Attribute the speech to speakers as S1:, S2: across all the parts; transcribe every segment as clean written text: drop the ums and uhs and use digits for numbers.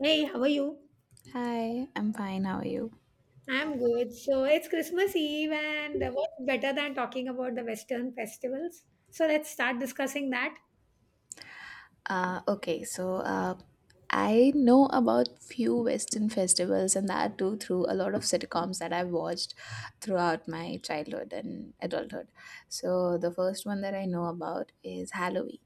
S1: Hey, how are you?
S2: Hi, I'm fine. How are you?
S1: I'm good. So it's Christmas Eve, and what's better than talking about the Western festivals? So let's start discussing that.
S2: Okay, so I know about few Western festivals and that too through a lot of sitcoms that I've watched throughout my childhood and adulthood. So the first one that I know about is Halloween.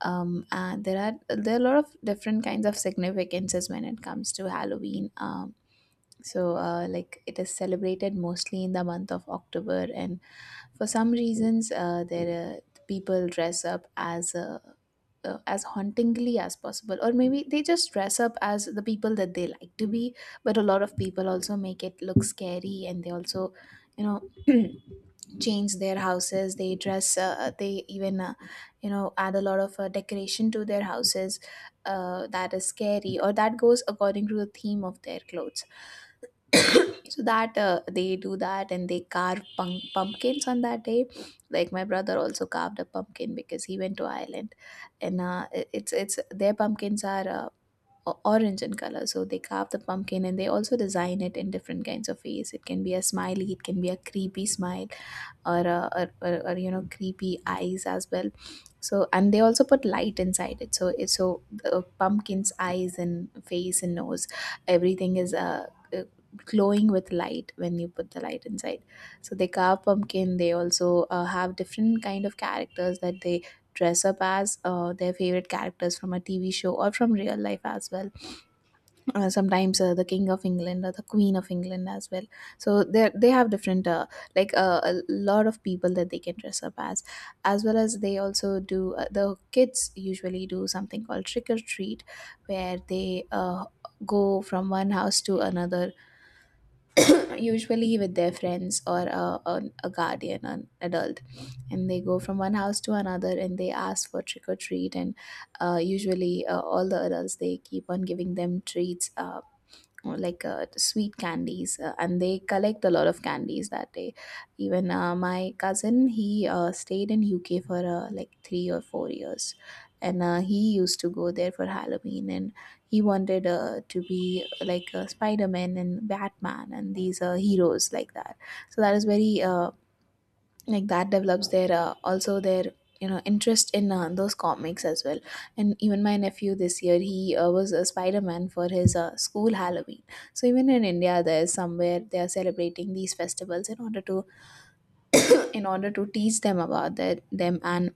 S2: There are a lot of different kinds of significances when it comes to Halloween. Like it is celebrated mostly in the month of October, and for some reasons, there people dress up as hauntingly as possible, or maybe they just dress up as the people that they like to be, but a lot of people also make it look scary, and they also you know change their houses. They dress, they even, add a lot of decoration to their houses, that is scary, or that goes according to the theme of their clothes. So that, they do that, and they carve pumpkins on that day. Like, my brother also carved a pumpkin because he went to Ireland, and it- it's their pumpkins are, orange in color. So they carve the pumpkin, and they also design it in different kinds of ways. It can be a smiley, it can be a creepy smile, or creepy eyes as well. So and they also put light inside it, so the pumpkin's eyes and face and nose, everything is uh, glowing with light when you put the light inside. So they carve pumpkin, they also have different kind of characters that they dress up as, their favorite characters from a TV show or from real life as well. Sometimes, the King of England or the Queen of England as well. So they have different, a lot of people that they can dress up as well as they also do, the kids usually do something called trick or treat, where they go from one house to another, usually with their friends or a guardian, an adult. And they go from one house to another, and they ask for trick or treat. And usually, all the adults, they keep on giving them treats, or like sweet candies, and they collect a lot of candies that day. Even, my cousin, he stayed in UK for, like 3 or 4 years, and he used to go there for Halloween, and he wanted to be, like Spider-Man and Batman and these heroes like that. So that is very, like, that develops their, also their, interest in those comics as well. And even my nephew this year, he was a Spider-Man for his school Halloween. So even in India, there's somewhere they are celebrating these festivals in order to teach them about their, them, and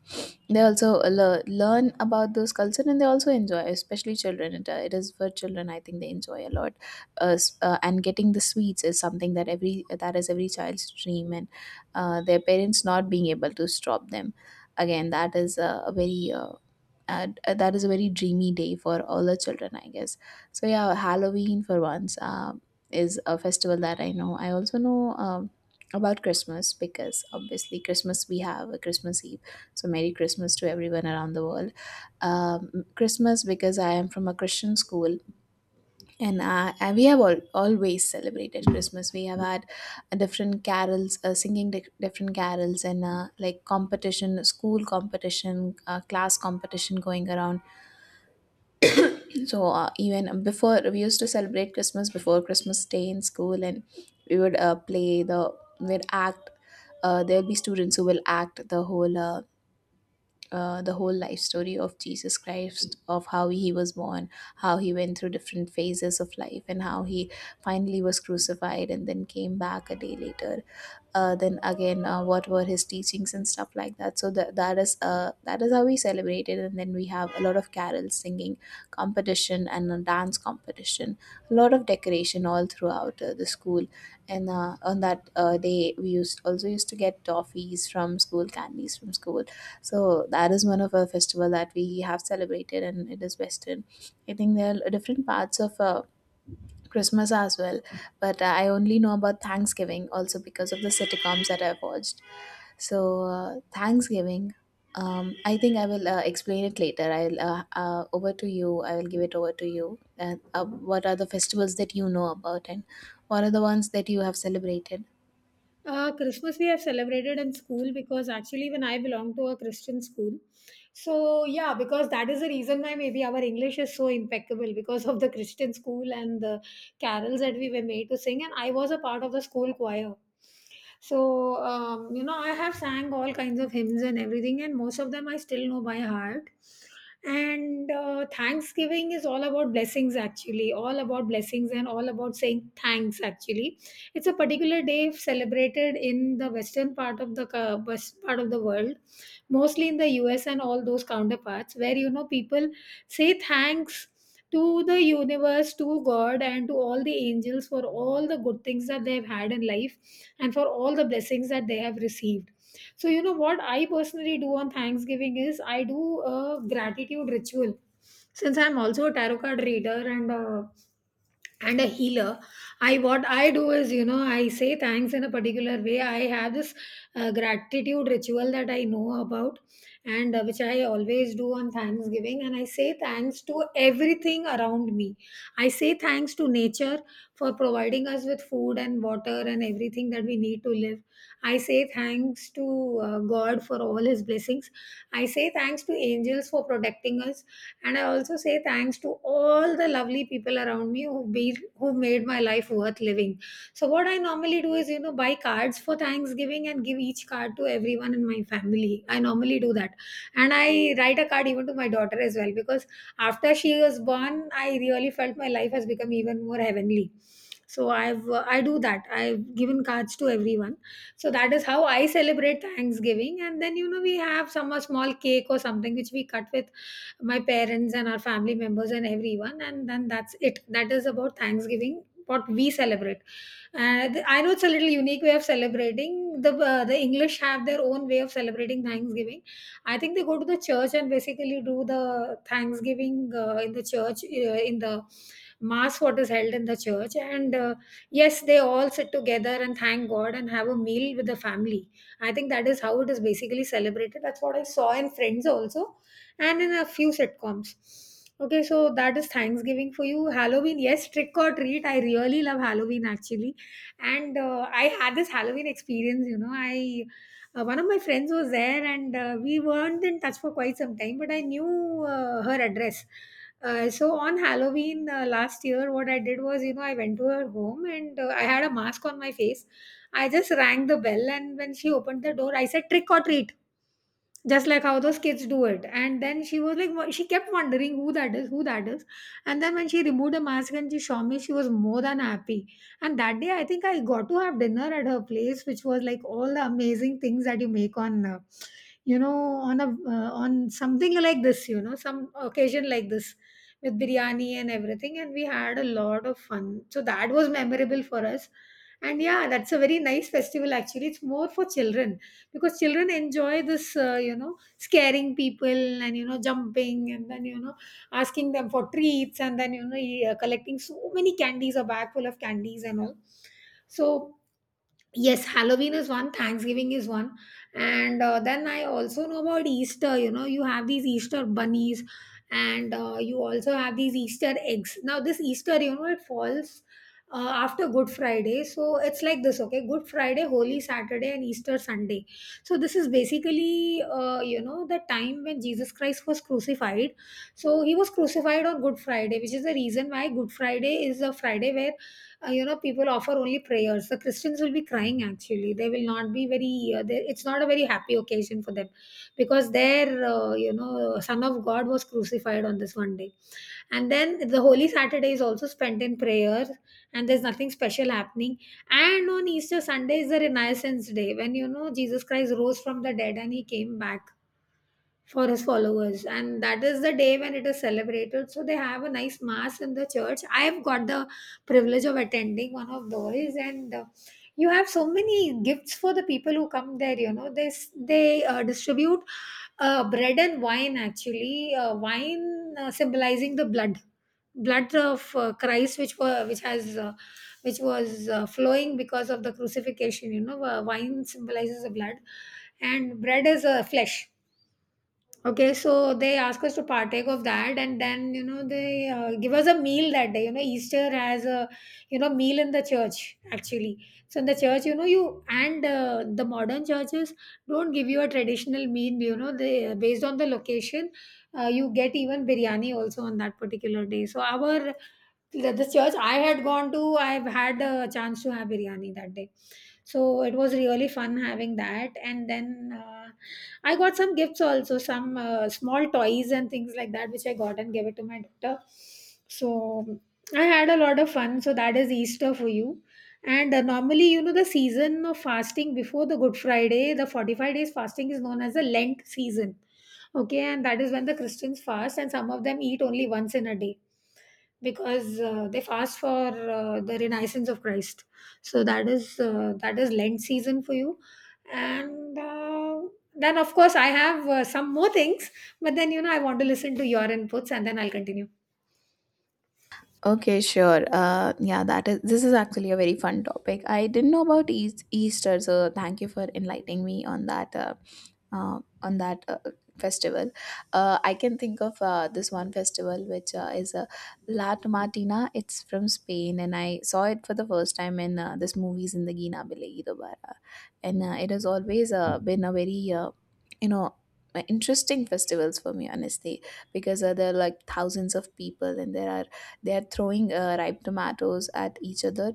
S2: they also learn about those culture, and they also enjoy, especially children. It is for children, I think they enjoy a lot. And getting the sweets is something that is every child's dream, and their parents not being able to stop them, again that is a very, and that is a very dreamy day for all the children, I guess. So yeah, Halloween for once, is a festival that I know. I also know, about Christmas, because obviously Christmas, we have a Christmas Eve, so Merry Christmas to everyone around the world. Christmas, because I am from a Christian school, and we have always celebrated Christmas. We have had, different carols, singing different carols, and like competition, school competition, class competition going around. So even before, we used to celebrate Christmas before Christmas Day in school, and we would uh, play the we'd act. There'll be students who will act the whole life story of Jesus Christ, of how he was born, how he went through different phases of life, and how he finally was crucified and then came back a day later. Then again, what were his teachings and stuff like that. So that is how we celebrated, and then we have a lot of carol singing competition and a dance competition, a lot of decoration all throughout the school. And on that day, we used also used to get toffees from school, candies from school. So that is one of our festival that we have celebrated, and it is Western. I think there are different parts of Christmas as well, but I only know about Thanksgiving also, because of the sitcoms that I've watched. So Thanksgiving, I think I will explain it later. I'll over to you. I will give it over to you. And what are the festivals that you know about, and what are the ones that you have celebrated?
S1: Christmas we have celebrated in school because actually, when I belong to a Christian school, so yeah, because that is the reason why maybe our English is so impeccable because of the Christian school and the carols that we were made to sing. And I was a part of the school choir, so you know, I have sang all kinds of hymns and everything, and most of them I still know by heart. And Thanksgiving is all about blessings, actually, all about blessings and all about saying thanks, actually. It's a particular day celebrated in the western part of the west part of the world, mostly in the US and all those counterparts, where you know people say thanks to the universe, to God, and to all the angels for all the good things that they've had in life and for all the blessings that they have received. So, you know what I personally do on Thanksgiving is I do a gratitude ritual. Since I'm also a tarot card reader and a healer, I, what I do is, you know, I say thanks in a particular way. I have this gratitude ritual that I know about, and which I always do on Thanksgiving, and I say thanks to everything around me. I say thanks to nature for providing us with food and water and everything that we need to live. I say thanks to God for all his blessings. I say thanks to angels for protecting us, and I also say thanks to all the lovely people around me who be who made my life worth living. So what I normally do is, you know, buy cards for Thanksgiving and give each card to everyone in my family. I normally do that. And I write a card even to my daughter as well because after she was born, I really felt my life has become even more heavenly. So I've I do that. I've given cards to everyone. So that is how I celebrate Thanksgiving. And then you know we have some a small cake or something which we cut with my parents and our family members and everyone, and then that's it. That is about Thanksgiving what we celebrate, and I know it's a little unique way of celebrating. The the English have their own way of celebrating Thanksgiving. I think they go to the church and basically do the Thanksgiving in the church, in the mass what is held in the church, and yes, they all sit together and thank God and have a meal with the family. I think that is how it is basically celebrated. That's what I saw in Friends also and in a few sitcoms. Okay, so that is Thanksgiving for you. Halloween, yes, trick or treat. I really love Halloween actually, and I had this Halloween experience. You know, I, one of my friends was there, and we weren't in touch for quite some time, but I knew her address. So on Halloween last year, what I did was, you know, I went to her home, and I had a mask on my face. I just rang the bell, and when she opened the door, I said, "Trick or treat," just like how those kids do it. And then she was like, she kept wondering who that is, who that is. And then when she removed the mask and she saw me, she was more than happy. And that day I think I got to have dinner at her place, which was like all the amazing things that you make on, you know, on a, on something like this, you know, some occasion like this, with biryani and everything, and we had a lot of fun, so that was memorable for us. And yeah, that's a very nice festival actually. It's more for children because children enjoy this, you know, scaring people and, you know, jumping and then, you know, asking them for treats, and then, you know, collecting so many candies, a bag full of candies and all. So yes, Halloween is one, Thanksgiving is one, and then I also know about Easter. You know, you have these Easter bunnies, and you also have these Easter eggs. Now, this Easter, you know, it falls after Good Friday, so it's like this. Okay, Good Friday, Holy Saturday, and Easter Sunday. So this is basically, you know, the time when Jesus Christ was crucified. So he was crucified on Good Friday, which is the reason why Good Friday is a Friday where, you know, people offer only prayers. The Christians will be crying actually. They will not be very, it's not a very happy occasion for them because their, you know, Son of God was crucified on this one day. And then the Holy Saturday is also spent in prayer, and there's nothing special happening. And on Easter Sunday is the Renaissance Day when, you know, Jesus Christ rose from the dead and he came back for his followers, and that is the day when it is celebrated. So they have a nice mass in the church. I have got the privilege of attending one of those, and you have so many gifts for the people who come there. You know, they distribute bread and wine. Actually, wine symbolizing the blood, blood of Christ, which were which has which was flowing because of the crucifixion. You know, wine symbolizes the blood, and bread is flesh. Okay, so they ask us to partake of that, and then you know they give us a meal that day. You know, Easter has a, you know, meal in the church actually. So in the church, you know, you and the modern churches don't give you a traditional meal. You know, they, based on the location, you get even biryani also on that particular day. So our, the church I had gone to, I've had a chance to have biryani that day, so it was really fun having that. And then I got some gifts also, some small toys and things like that, which I got and gave it to my daughter. So I had a lot of fun. So that is Easter for you. And normally, you know, the season of fasting before the Good Friday, the 45 days fasting, is known as the Lent season. Okay, and that is when the Christians fast, and some of them eat only once in a day because they fast for the renaissance of Christ. So that is, that is Lent season for you, and then of course I have some more things, but then you know I want to listen to your inputs, and then I'll continue.
S2: Okay, sure. Yeah, that is. This is actually a very fun topic. I didn't know about Easter, so thank you for enlightening me on that. On that festival. I can think of this one festival which is a Lat Martina. It's from Spain, and I saw it for the first time in this movies, in the Gina Bilegi Dobara, and it has always been a very, you know interesting festivals for me, honestly, because there are like thousands of people, and there are they are throwing ripe tomatoes at each other.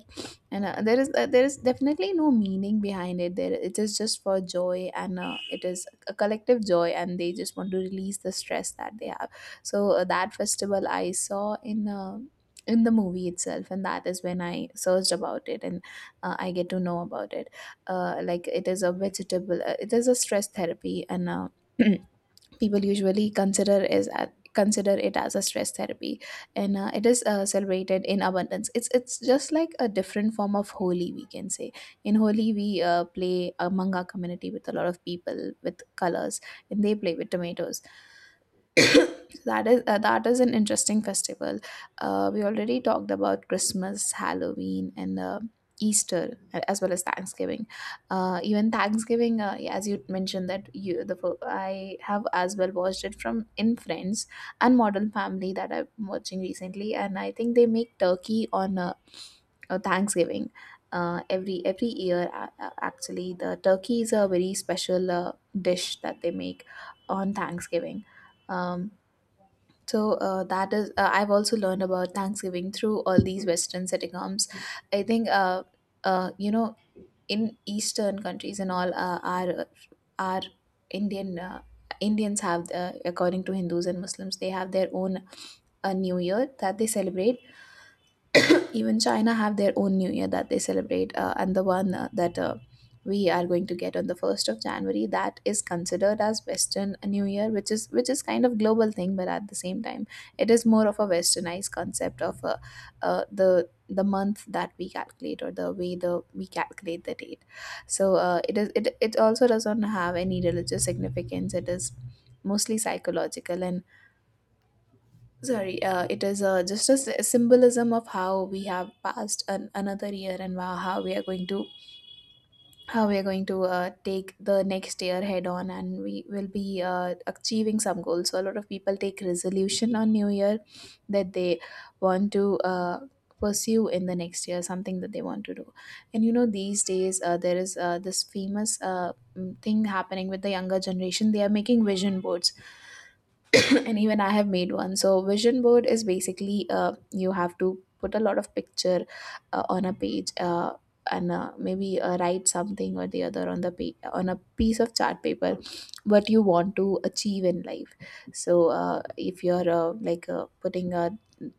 S2: And there is definitely no meaning behind it, there it is just for joy, and it is a collective joy, and they just want to release the stress that they have. So that festival I saw in, the movie itself, and that is when I searched about it, and I get to know about it. Like, it is a vegetable, it is a stress therapy, and people usually consider it as a stress therapy, and it is celebrated in abundance. It's just like a different form of Holi, we can say. In Holi, we play among our community with a lot of people with colors, and they play with tomatoes. That is an interesting festival. We already talked about Christmas, Halloween, and Easter, as well as Thanksgiving. Even Thanksgiving, yeah, as you mentioned that, I have as well watched it from in Friends and Modern Family that I'm watching recently, and I think they make turkey on, Thanksgiving. Every year, actually, the turkey is a very special dish that they make on Thanksgiving. Um, I've also learned about Thanksgiving through all these Western sitcoms. I think, uh, you know, in Eastern countries and all, our our Indian, Indians have, according to Hindus and Muslims, they have their own New Year that they celebrate. Even China have their own New Year that they celebrate, and the one that we are going to get on the 1st of January, that is considered as Western New Year, which is kind of global thing, but at the same time, it is more of a Westernized concept of the month that we calculate, or the way the we calculate the date. So it is it it also doesn't have any religious significance. It is mostly psychological and — sorry, it is just a symbolism of how we have passed another year, and wow, how we are going to how we are going to take the next year head on, and we will be achieving some goals. So a lot of people take resolution on New Year that they want to pursue in the next year, something that they want to do. And these days there is this famous thing happening with the younger generation. They are making vision boards and even I have made one. So vision board is basically, you have to put a lot of picture on a page, and maybe write something or the other on on a piece of chart paper, what you want to achieve in life. So if you're, putting a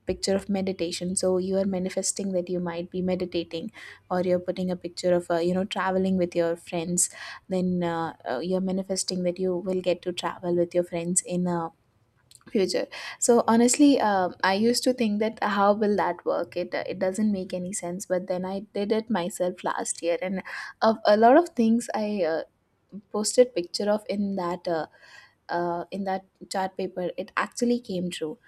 S2: picture of meditation, so you are manifesting that you might be meditating. Or you're putting a picture of, traveling with your friends, then you're manifesting that you will get to travel with your friends in a future. So honestly, I used to think that, how will that work? It doesn't make any sense. But then I did it myself last year, and of a lot of things I uh, posted picture of in that, in that chart paper, it actually came true.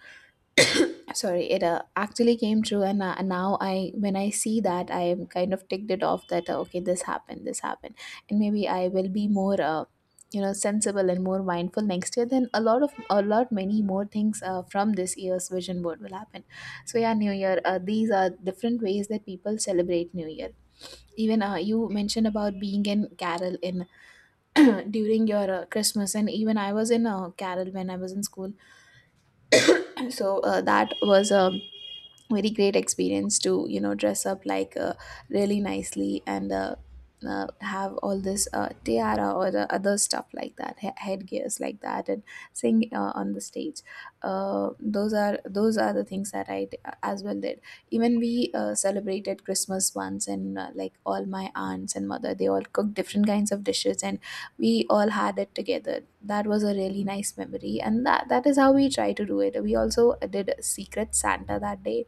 S2: Sorry, it actually came true. And now I when I see that, I am kind of ticked it off that, okay, this happened, this happened. And maybe I will be more, you know, sensible and more mindful next year. Then a lot of, a lot many more things from this year's vision board will happen. So yeah, new year, these are different ways that people celebrate new year. Even, you mentioned about being in carol in during your Christmas, and even I was in, carol when I was in school. So that was a very great experience, to you know dress up like, really nicely and, have all this, tiara or the other stuff like that, headgears like that, and sing on the stage. Those are, those are the things that I as well did. Even we celebrated Christmas once, and like all my aunts and mother, they all cooked different kinds of dishes, and we all had it together. That was a really nice memory, and that is how we try to do it. We also did a secret Santa that day.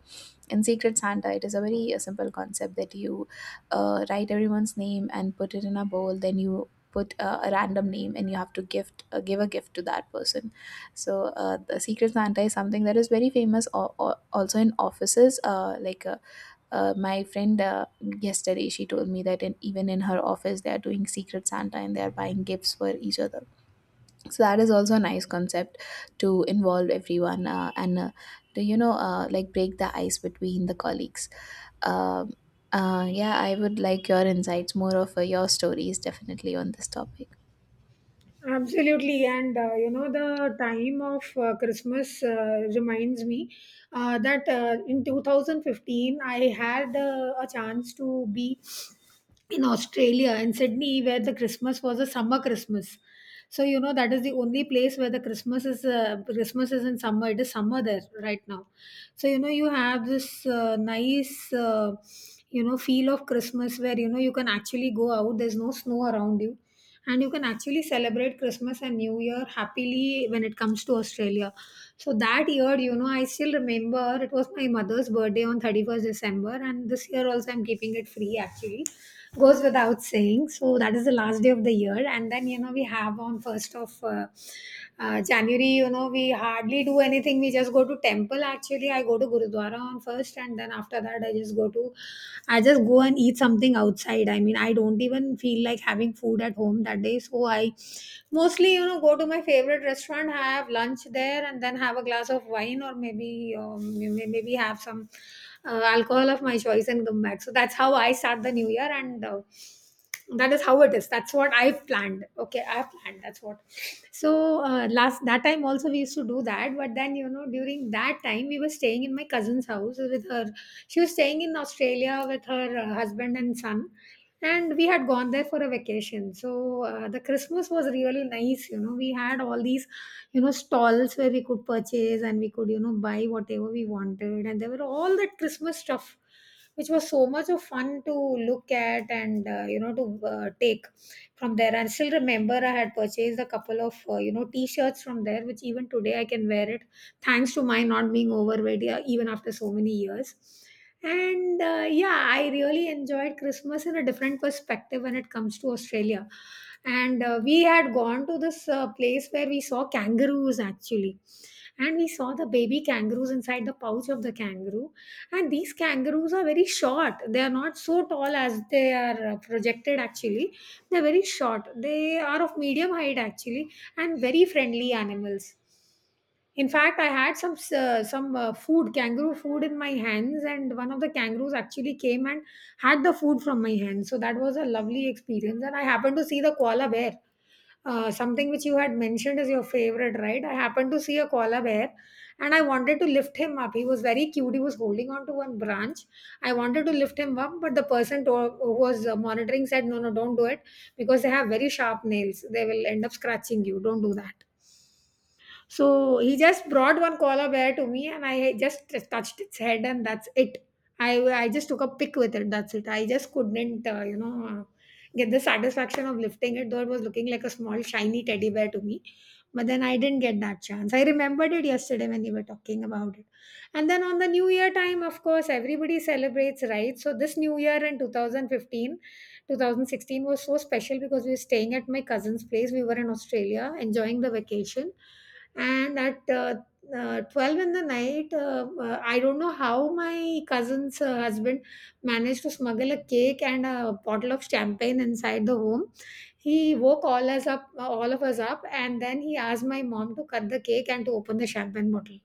S2: In Secret Santa, it is a very simple concept that you write everyone's name and put it in a bowl. Then you put a random name, and you have to gift give a gift to that person. So the Secret Santa is something that is very famous or also in offices. My friend, yesterday, she told me that even in her office, they are doing Secret Santa and they are buying gifts for each other. So that is also a nice concept to involve everyone, and to you know, like break the ice between the colleagues. Um yeah, I would like your insights, more of your stories, definitely, on this topic.
S1: Absolutely, and you know, the time of Christmas reminds me that in 2015 I had a chance to be in Australia, in Sydney, where the Christmas was a summer Christmas. So you know that is the only place where the Christmas is, Christmas is in summer. It is summer there right now. So you know you have this nice, you know, feel of Christmas where, you know, you can actually go out. There's no snow around you, and you can actually celebrate Christmas and New Year happily when it comes to Australia. So that year, you know, I still remember it was my mother's birthday on 31st December, and this year also I'm keeping it free actually, goes without saying. So that is the last day of the year, and then you know we have on first of January. You know we hardly do anything. We just go to temple. Actually, I go to Gurudwara on first, and then after that I just go to, I just go and eat something outside. I mean, I don't even feel like having food at home that day. So I mostly, you know, go to my favorite restaurant, have lunch there, and then have a glass of wine, or maybe maybe have some alcohol of my choice and come back. So that's how I start the new year. And that is how it is. That's what I've planned. Okay, I planned. That's what. So last that time also we used to do that, but then you know during that time we were staying in my cousin's house with her. She was staying in Australia with her husband and son, and we had gone there for a vacation. So the Christmas was really nice. You know, we had all these, you know, stalls where we could purchase, and we could, you know, buy whatever we wanted, and there were all that Christmas stuff which was so much of fun to look at and to take from there. And still remember, I had purchased a couple of t-shirts from there which even today I can wear it, thanks to my not being overweight, yeah, even after so many years. And yeah, I really enjoyed Christmas in a different perspective when it comes to Australia. And we had gone to this place where we saw kangaroos actually. And we saw the baby kangaroos inside the pouch of the kangaroo. And these kangaroos are very short. They are not so tall as they are projected actually. They're very short. They are of medium height actually, and very friendly animals. In fact, I had some some food, kangaroo food in my hands, and one of the kangaroos actually came and had the food from my hand. So that was a lovely experience. And I happened to see the koala bear, something which you had mentioned is your favorite, right? I happened to see a koala bear, and I wanted to lift him up. He was very cute. He was holding on to one branch. I wanted to lift him up, but the who was monitoring said, "No, no, don't do it because they have very sharp nails. They will end up scratching you. Don't do that." So he just brought one koala bear to me, and I just touched its head, and that's it. I I just took a pic with it. That's it. I just couldn't, get the satisfaction of lifting it, though it was looking like a small shiny teddy bear to me. But then I didn't get that chance. I remembered it yesterday when you were talking about it. And then on the New Year time, of course, everybody celebrates, right? So this New Year in 2015, 2016 was so special because we were staying at my cousin's place. We were in Australia enjoying the vacation, and at 12 in the night, I don't know how my cousin's husband managed to smuggle a cake and a bottle of champagne inside the home. He woke all of us up, and then he asked my mom to cut the cake and to open the champagne bottle.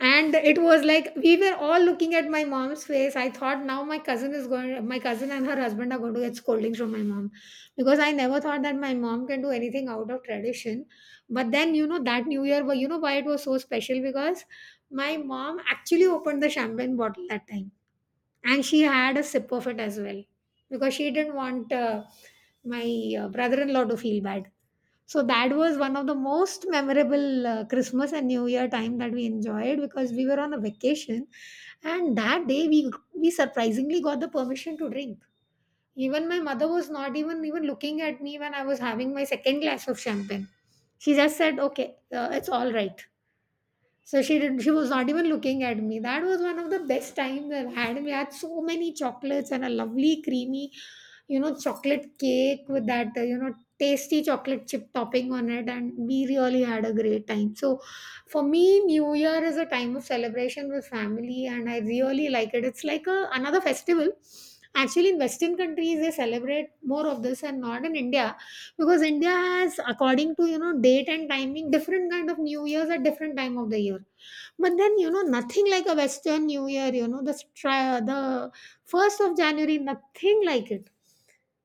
S1: And it was like we were all looking at my mom's face. I thought, now my cousin and her husband are going to get scoldings from my mom, because I never thought that my mom can do anything out of tradition. But then, you know, that new year but you know why it was so special? Because my mom actually opened the champagne bottle that time, and she had a sip of it as well, because she didn't want my brother-in-law to feel bad. So that was one of the most memorable Christmas and New Year time that we enjoyed, because we were on a vacation. And that day, we surprisingly got the permission to drink. Even my mother was not even looking at me when I was having my second glass of champagne. She just said, "Okay, it's all right." So she was not even looking at me. That was one of the best times I've had. We had so many chocolates and a lovely creamy, you know, chocolate cake with that, tasty chocolate chip topping on it, and we really had a great time. So for me, New Year is a time of celebration with family, and I really like it. It's like a, another festival. Actually, in Western countries, they celebrate more of this, and not in India, because India has, according to, you know, date and timing, different kind of New Year's at different time of the year. But then, you know, nothing like a Western New Year, you know, the 1st of January, nothing like it.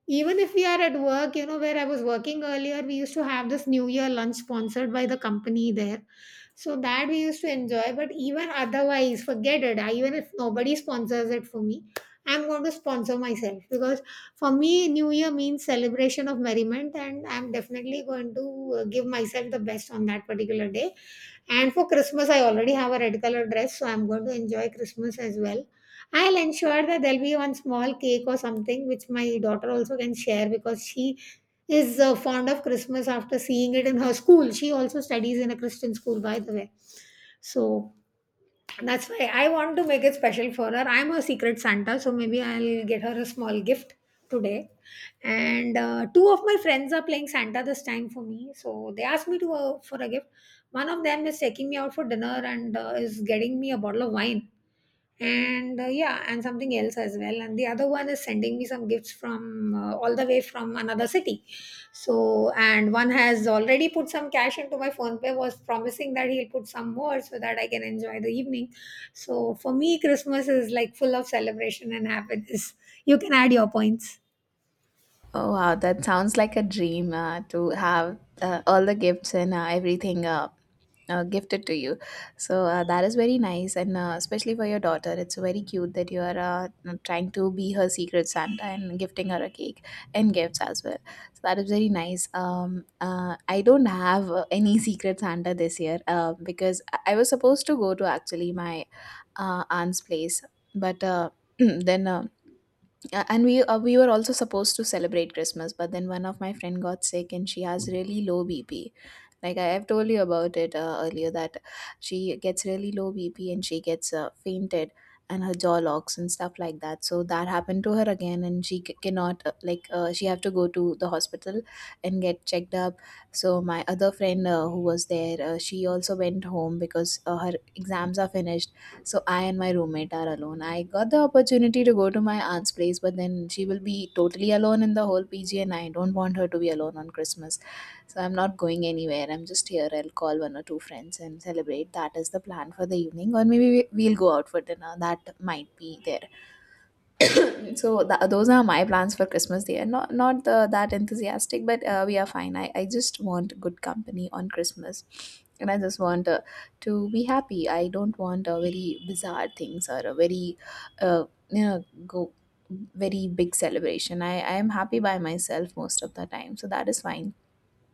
S1: Even if we are at work, you know, where I was working earlier, we used to have this New Year lunch sponsored by the company there, so that we used to enjoy. But even otherwise, forget it. I, even if nobody sponsors it for me, I'm going to sponsor myself, because for me, New Year means celebration of merriment, and I'm definitely going to give myself the best on that particular day. And for Christmas, I already have a red color dress, so I'm going to enjoy Christmas as well. I'll ensure that there'll be one small cake or something which my daughter also can share, because she is fond of Christmas after seeing it in her school. She also studies in a Christian school, by the way. So that's why I want to make it special for her. I'm a secret Santa, so maybe I'll get her a small gift today. And two of my friends are playing Santa this time for me, so they asked me to for a gift. One of them is taking me out for dinner, and is getting me a bottle of wine, and yeah, and something else as well. And the other one is sending me some gifts from all the way from another city. So, and one has already put some cash into my phone pay, was promising that he'll put some more so that I can enjoy the evening. So for me, Christmas is like full of celebration and happiness. You can add your points.
S2: Oh wow, that sounds like a dream, to have all the gifts and, everything gifted to you. So that is very nice, and especially for your daughter, it's very cute that you are trying to be her secret Santa and gifting her a cake and gifts as well. So that is very nice. I don't have any secret Santa this year because I was supposed to go to actually my aunt's place, but then. And we were also supposed to celebrate Christmas, but then one of my friend got sick and she has really low BP. Like I have told you about it earlier, that she gets really low BP, and she gets fainted, and her jaw locks and stuff like that. So that happened to her again, and cannot, she have to go to the hospital and get checked up. So my other friend, who was there, she also went home because her exams are finished. So I and my roommate are alone. I got the opportunity to go to my aunt's place, but then she will be totally alone in the whole PG, and I don't want her to be alone on Christmas. So I'm not going anywhere. I'm just here. I'll call one or two friends and celebrate. That is the plan for the evening. Or maybe we'll go out for dinner. That might be there. So tha those are my plans for Christmas. They are not that enthusiastic, but we are fine. I just want good company on Christmas. And I just want, to be happy. I don't want very bizarre things, or a very, uh, go very big celebration. I am happy by myself most of the time, so that is fine.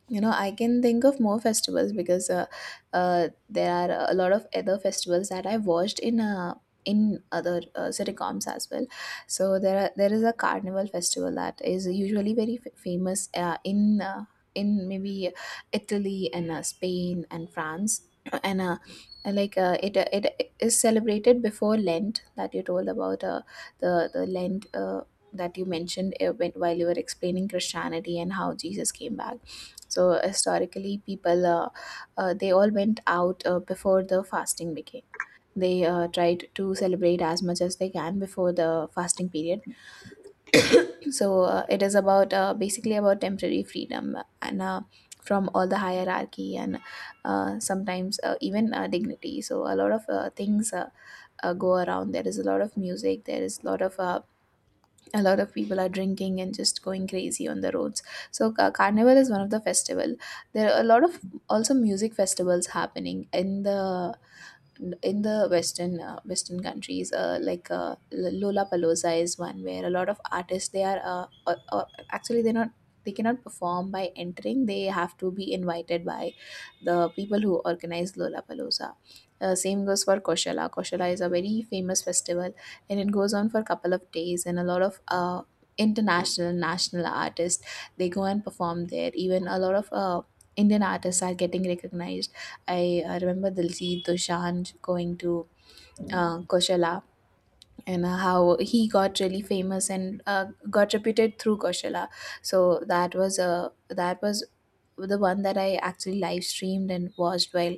S2: You know, I can think of more festivals because, there are a lot of other festivals that I've watched in, in other sitcoms as well. So there is a carnival festival that is usually very famous in, in maybe Italy and, Spain and France, and, and like, it is celebrated before lent that you told about, the lent that you mentioned, while you were explaining Christianity and how Jesus came back. So historically, people, they all went out before the fasting began. They tried to celebrate as much as they can before the fasting period. So it is about, basically about temporary freedom, and, from all the hierarchy, and sometimes even dignity. So a lot of things, go around. There is a lot of music. There is a lot of, a lot of people are drinking and just going crazy on the roads. So carnival is one of the festival. There are a lot of also music festivals happening in the, in the western countries, like Lollapalooza is one where a lot of artists, they are, actually, they cannot perform by entering. They have to be invited by the people who organize Lollapalooza. Same goes for Koshala. Koshala is a very famous festival, and it goes on for a couple of days, and a lot of, international national artists, they go and perform there. Even a lot of Indian artists are getting recognized. I remember Diljit Dosanjh going to Koshala, and how he got really famous and, got reputed through Koshala. So that was a that was the one that I actually live streamed and watched while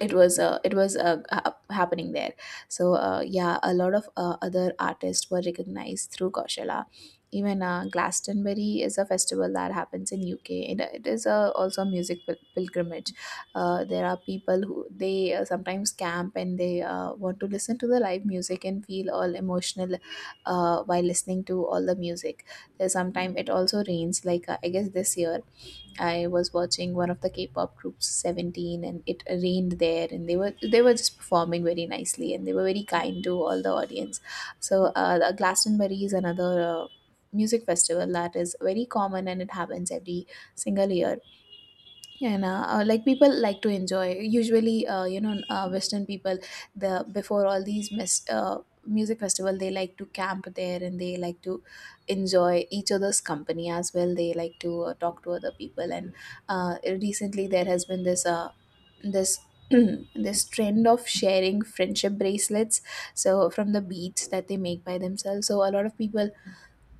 S2: it was, happening there. So yeah, a lot of other artists were recognized through Coachella. Even, Glastonbury is a festival that happens in UK, and it is, also a music pilgrimage. There are people who, they sometimes camp, and they want to listen to the live music and feel all emotional while listening to all the music. There's sometime it also rains, like, I guess this year, I was watching one of the K-pop groups, Seventeen, and it rained there, and they were just performing very nicely, and they were very kind to all the audience. So the Glastonbury is another music festival that is very common, and it happens every single year. Yeah, and, like, people like to enjoy. Usually, Western people, the before all these music festival, they like to camp there, and they like to enjoy each other's company as well. They like to talk to other people. And recently, there has been this, this this trend of sharing friendship bracelets. So, from the beads that they make by themselves, so a lot of people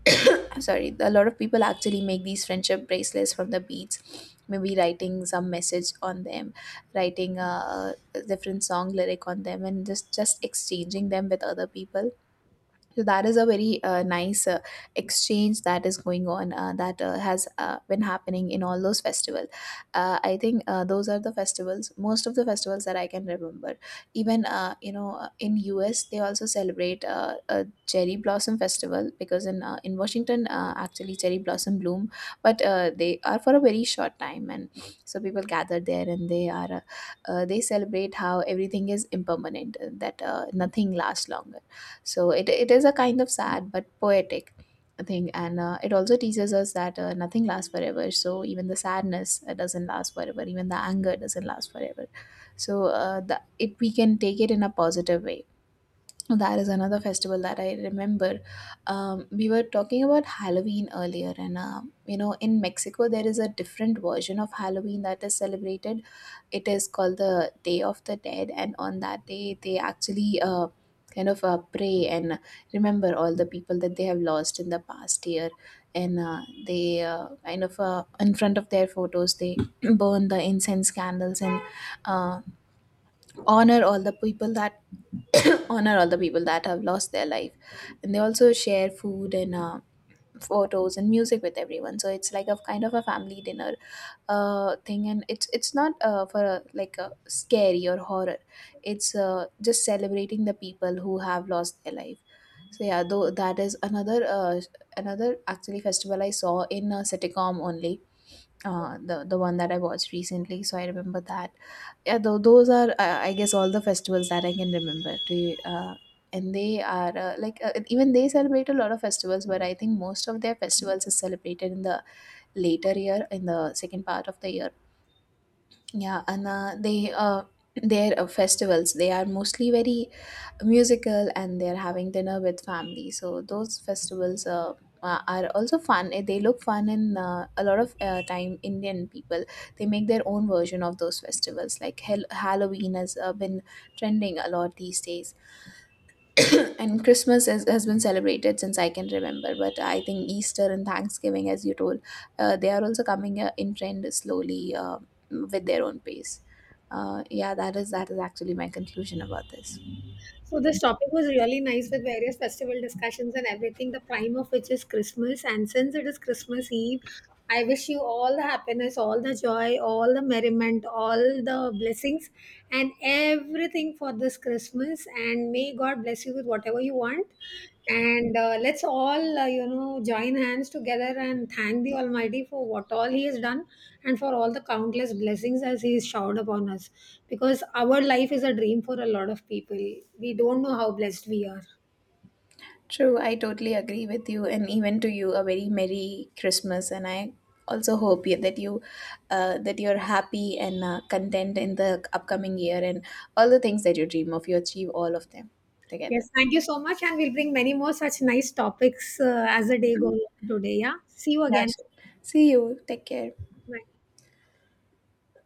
S2: sorry, a lot of people actually make these friendship bracelets from the beads, maybe writing some message on them, writing a different song lyric on them, and just exchanging them with other people. So that is a very nice exchange that is going on, that has been happening in all those festivals. I think those are the festivals, most of the festivals that I can remember. Even, you know, in US, they also celebrate a cherry blossom festival, because in, in Washington, actually cherry blossom bloom, but they are for a very short time, and so people gather there, and they are, they celebrate how everything is impermanent, that nothing lasts long. So it is a kind of sad but poetic thing. And it also teaches us that nothing lasts forever. So even the sadness doesn't last forever. Even the anger doesn't last forever. So we can take it in a positive way. No, that is another festival that I remember. We were talking about Halloween earlier, and, you know, in Mexico, there is a different version of Halloween that is celebrated. It is called the Day of the Dead, and on that day, they actually kind of pray and remember all the people that they have lost in the past year, and they kind of, in front of their photos, they burn the incense candles and, uh, honor all the people that honor all the people that have lost their life. And they also share food and, photos and music with everyone. So it's like a kind of a family dinner thing, and it's not for a, like a scary or horror, it's, just celebrating the people who have lost their life. So yeah, though that is another, actually festival I saw in a sitcom only. The one that I watched recently, so I remember that. Yeah, those are, I guess all the festivals that I can remember to. uh, and they are, even they celebrate a lot of festivals, but I think most of their festivals is celebrated in the later year, in the second part of the year. Yeah, and, they, their festivals, they are mostly very musical, and they're having dinner with family. So those festivals are also fun. Eh, they look fun. In a lot of time, Indian people, they make their own version of those festivals, like Halloween has been trending a lot these days. And has been celebrated since I can remember, but I think Easter and Thanksgiving, as you told, they are also coming in trend slowly, with their own pace. Yeah, that is, that is actually my conclusion about this.
S1: So this topic was really nice, with various festival discussions and everything, the prime of which is Christmas. And since it is Christmas Eve, I wish you all the happiness, all the joy, all the merriment, all the blessings, and everything for this Christmas. And may God bless you with whatever you want. And let's all join hands together and thank the almighty for what all he has done, and for all the countless blessings as he has showered upon us, because our life is a dream for a lot of people. We don't know how blessed we are.
S2: True, I totally agree with you, and even to you, a very merry Christmas. And I also hope that you, that you're happy and content in the upcoming year, and all the things that you dream of, you achieve all of them together.
S1: Yes, thank you so much, and we'll bring many more such nice topics as the day goes on today. Yeah, see you
S2: Yeah,
S1: again.
S2: sure. See you. Take care.
S1: Bye.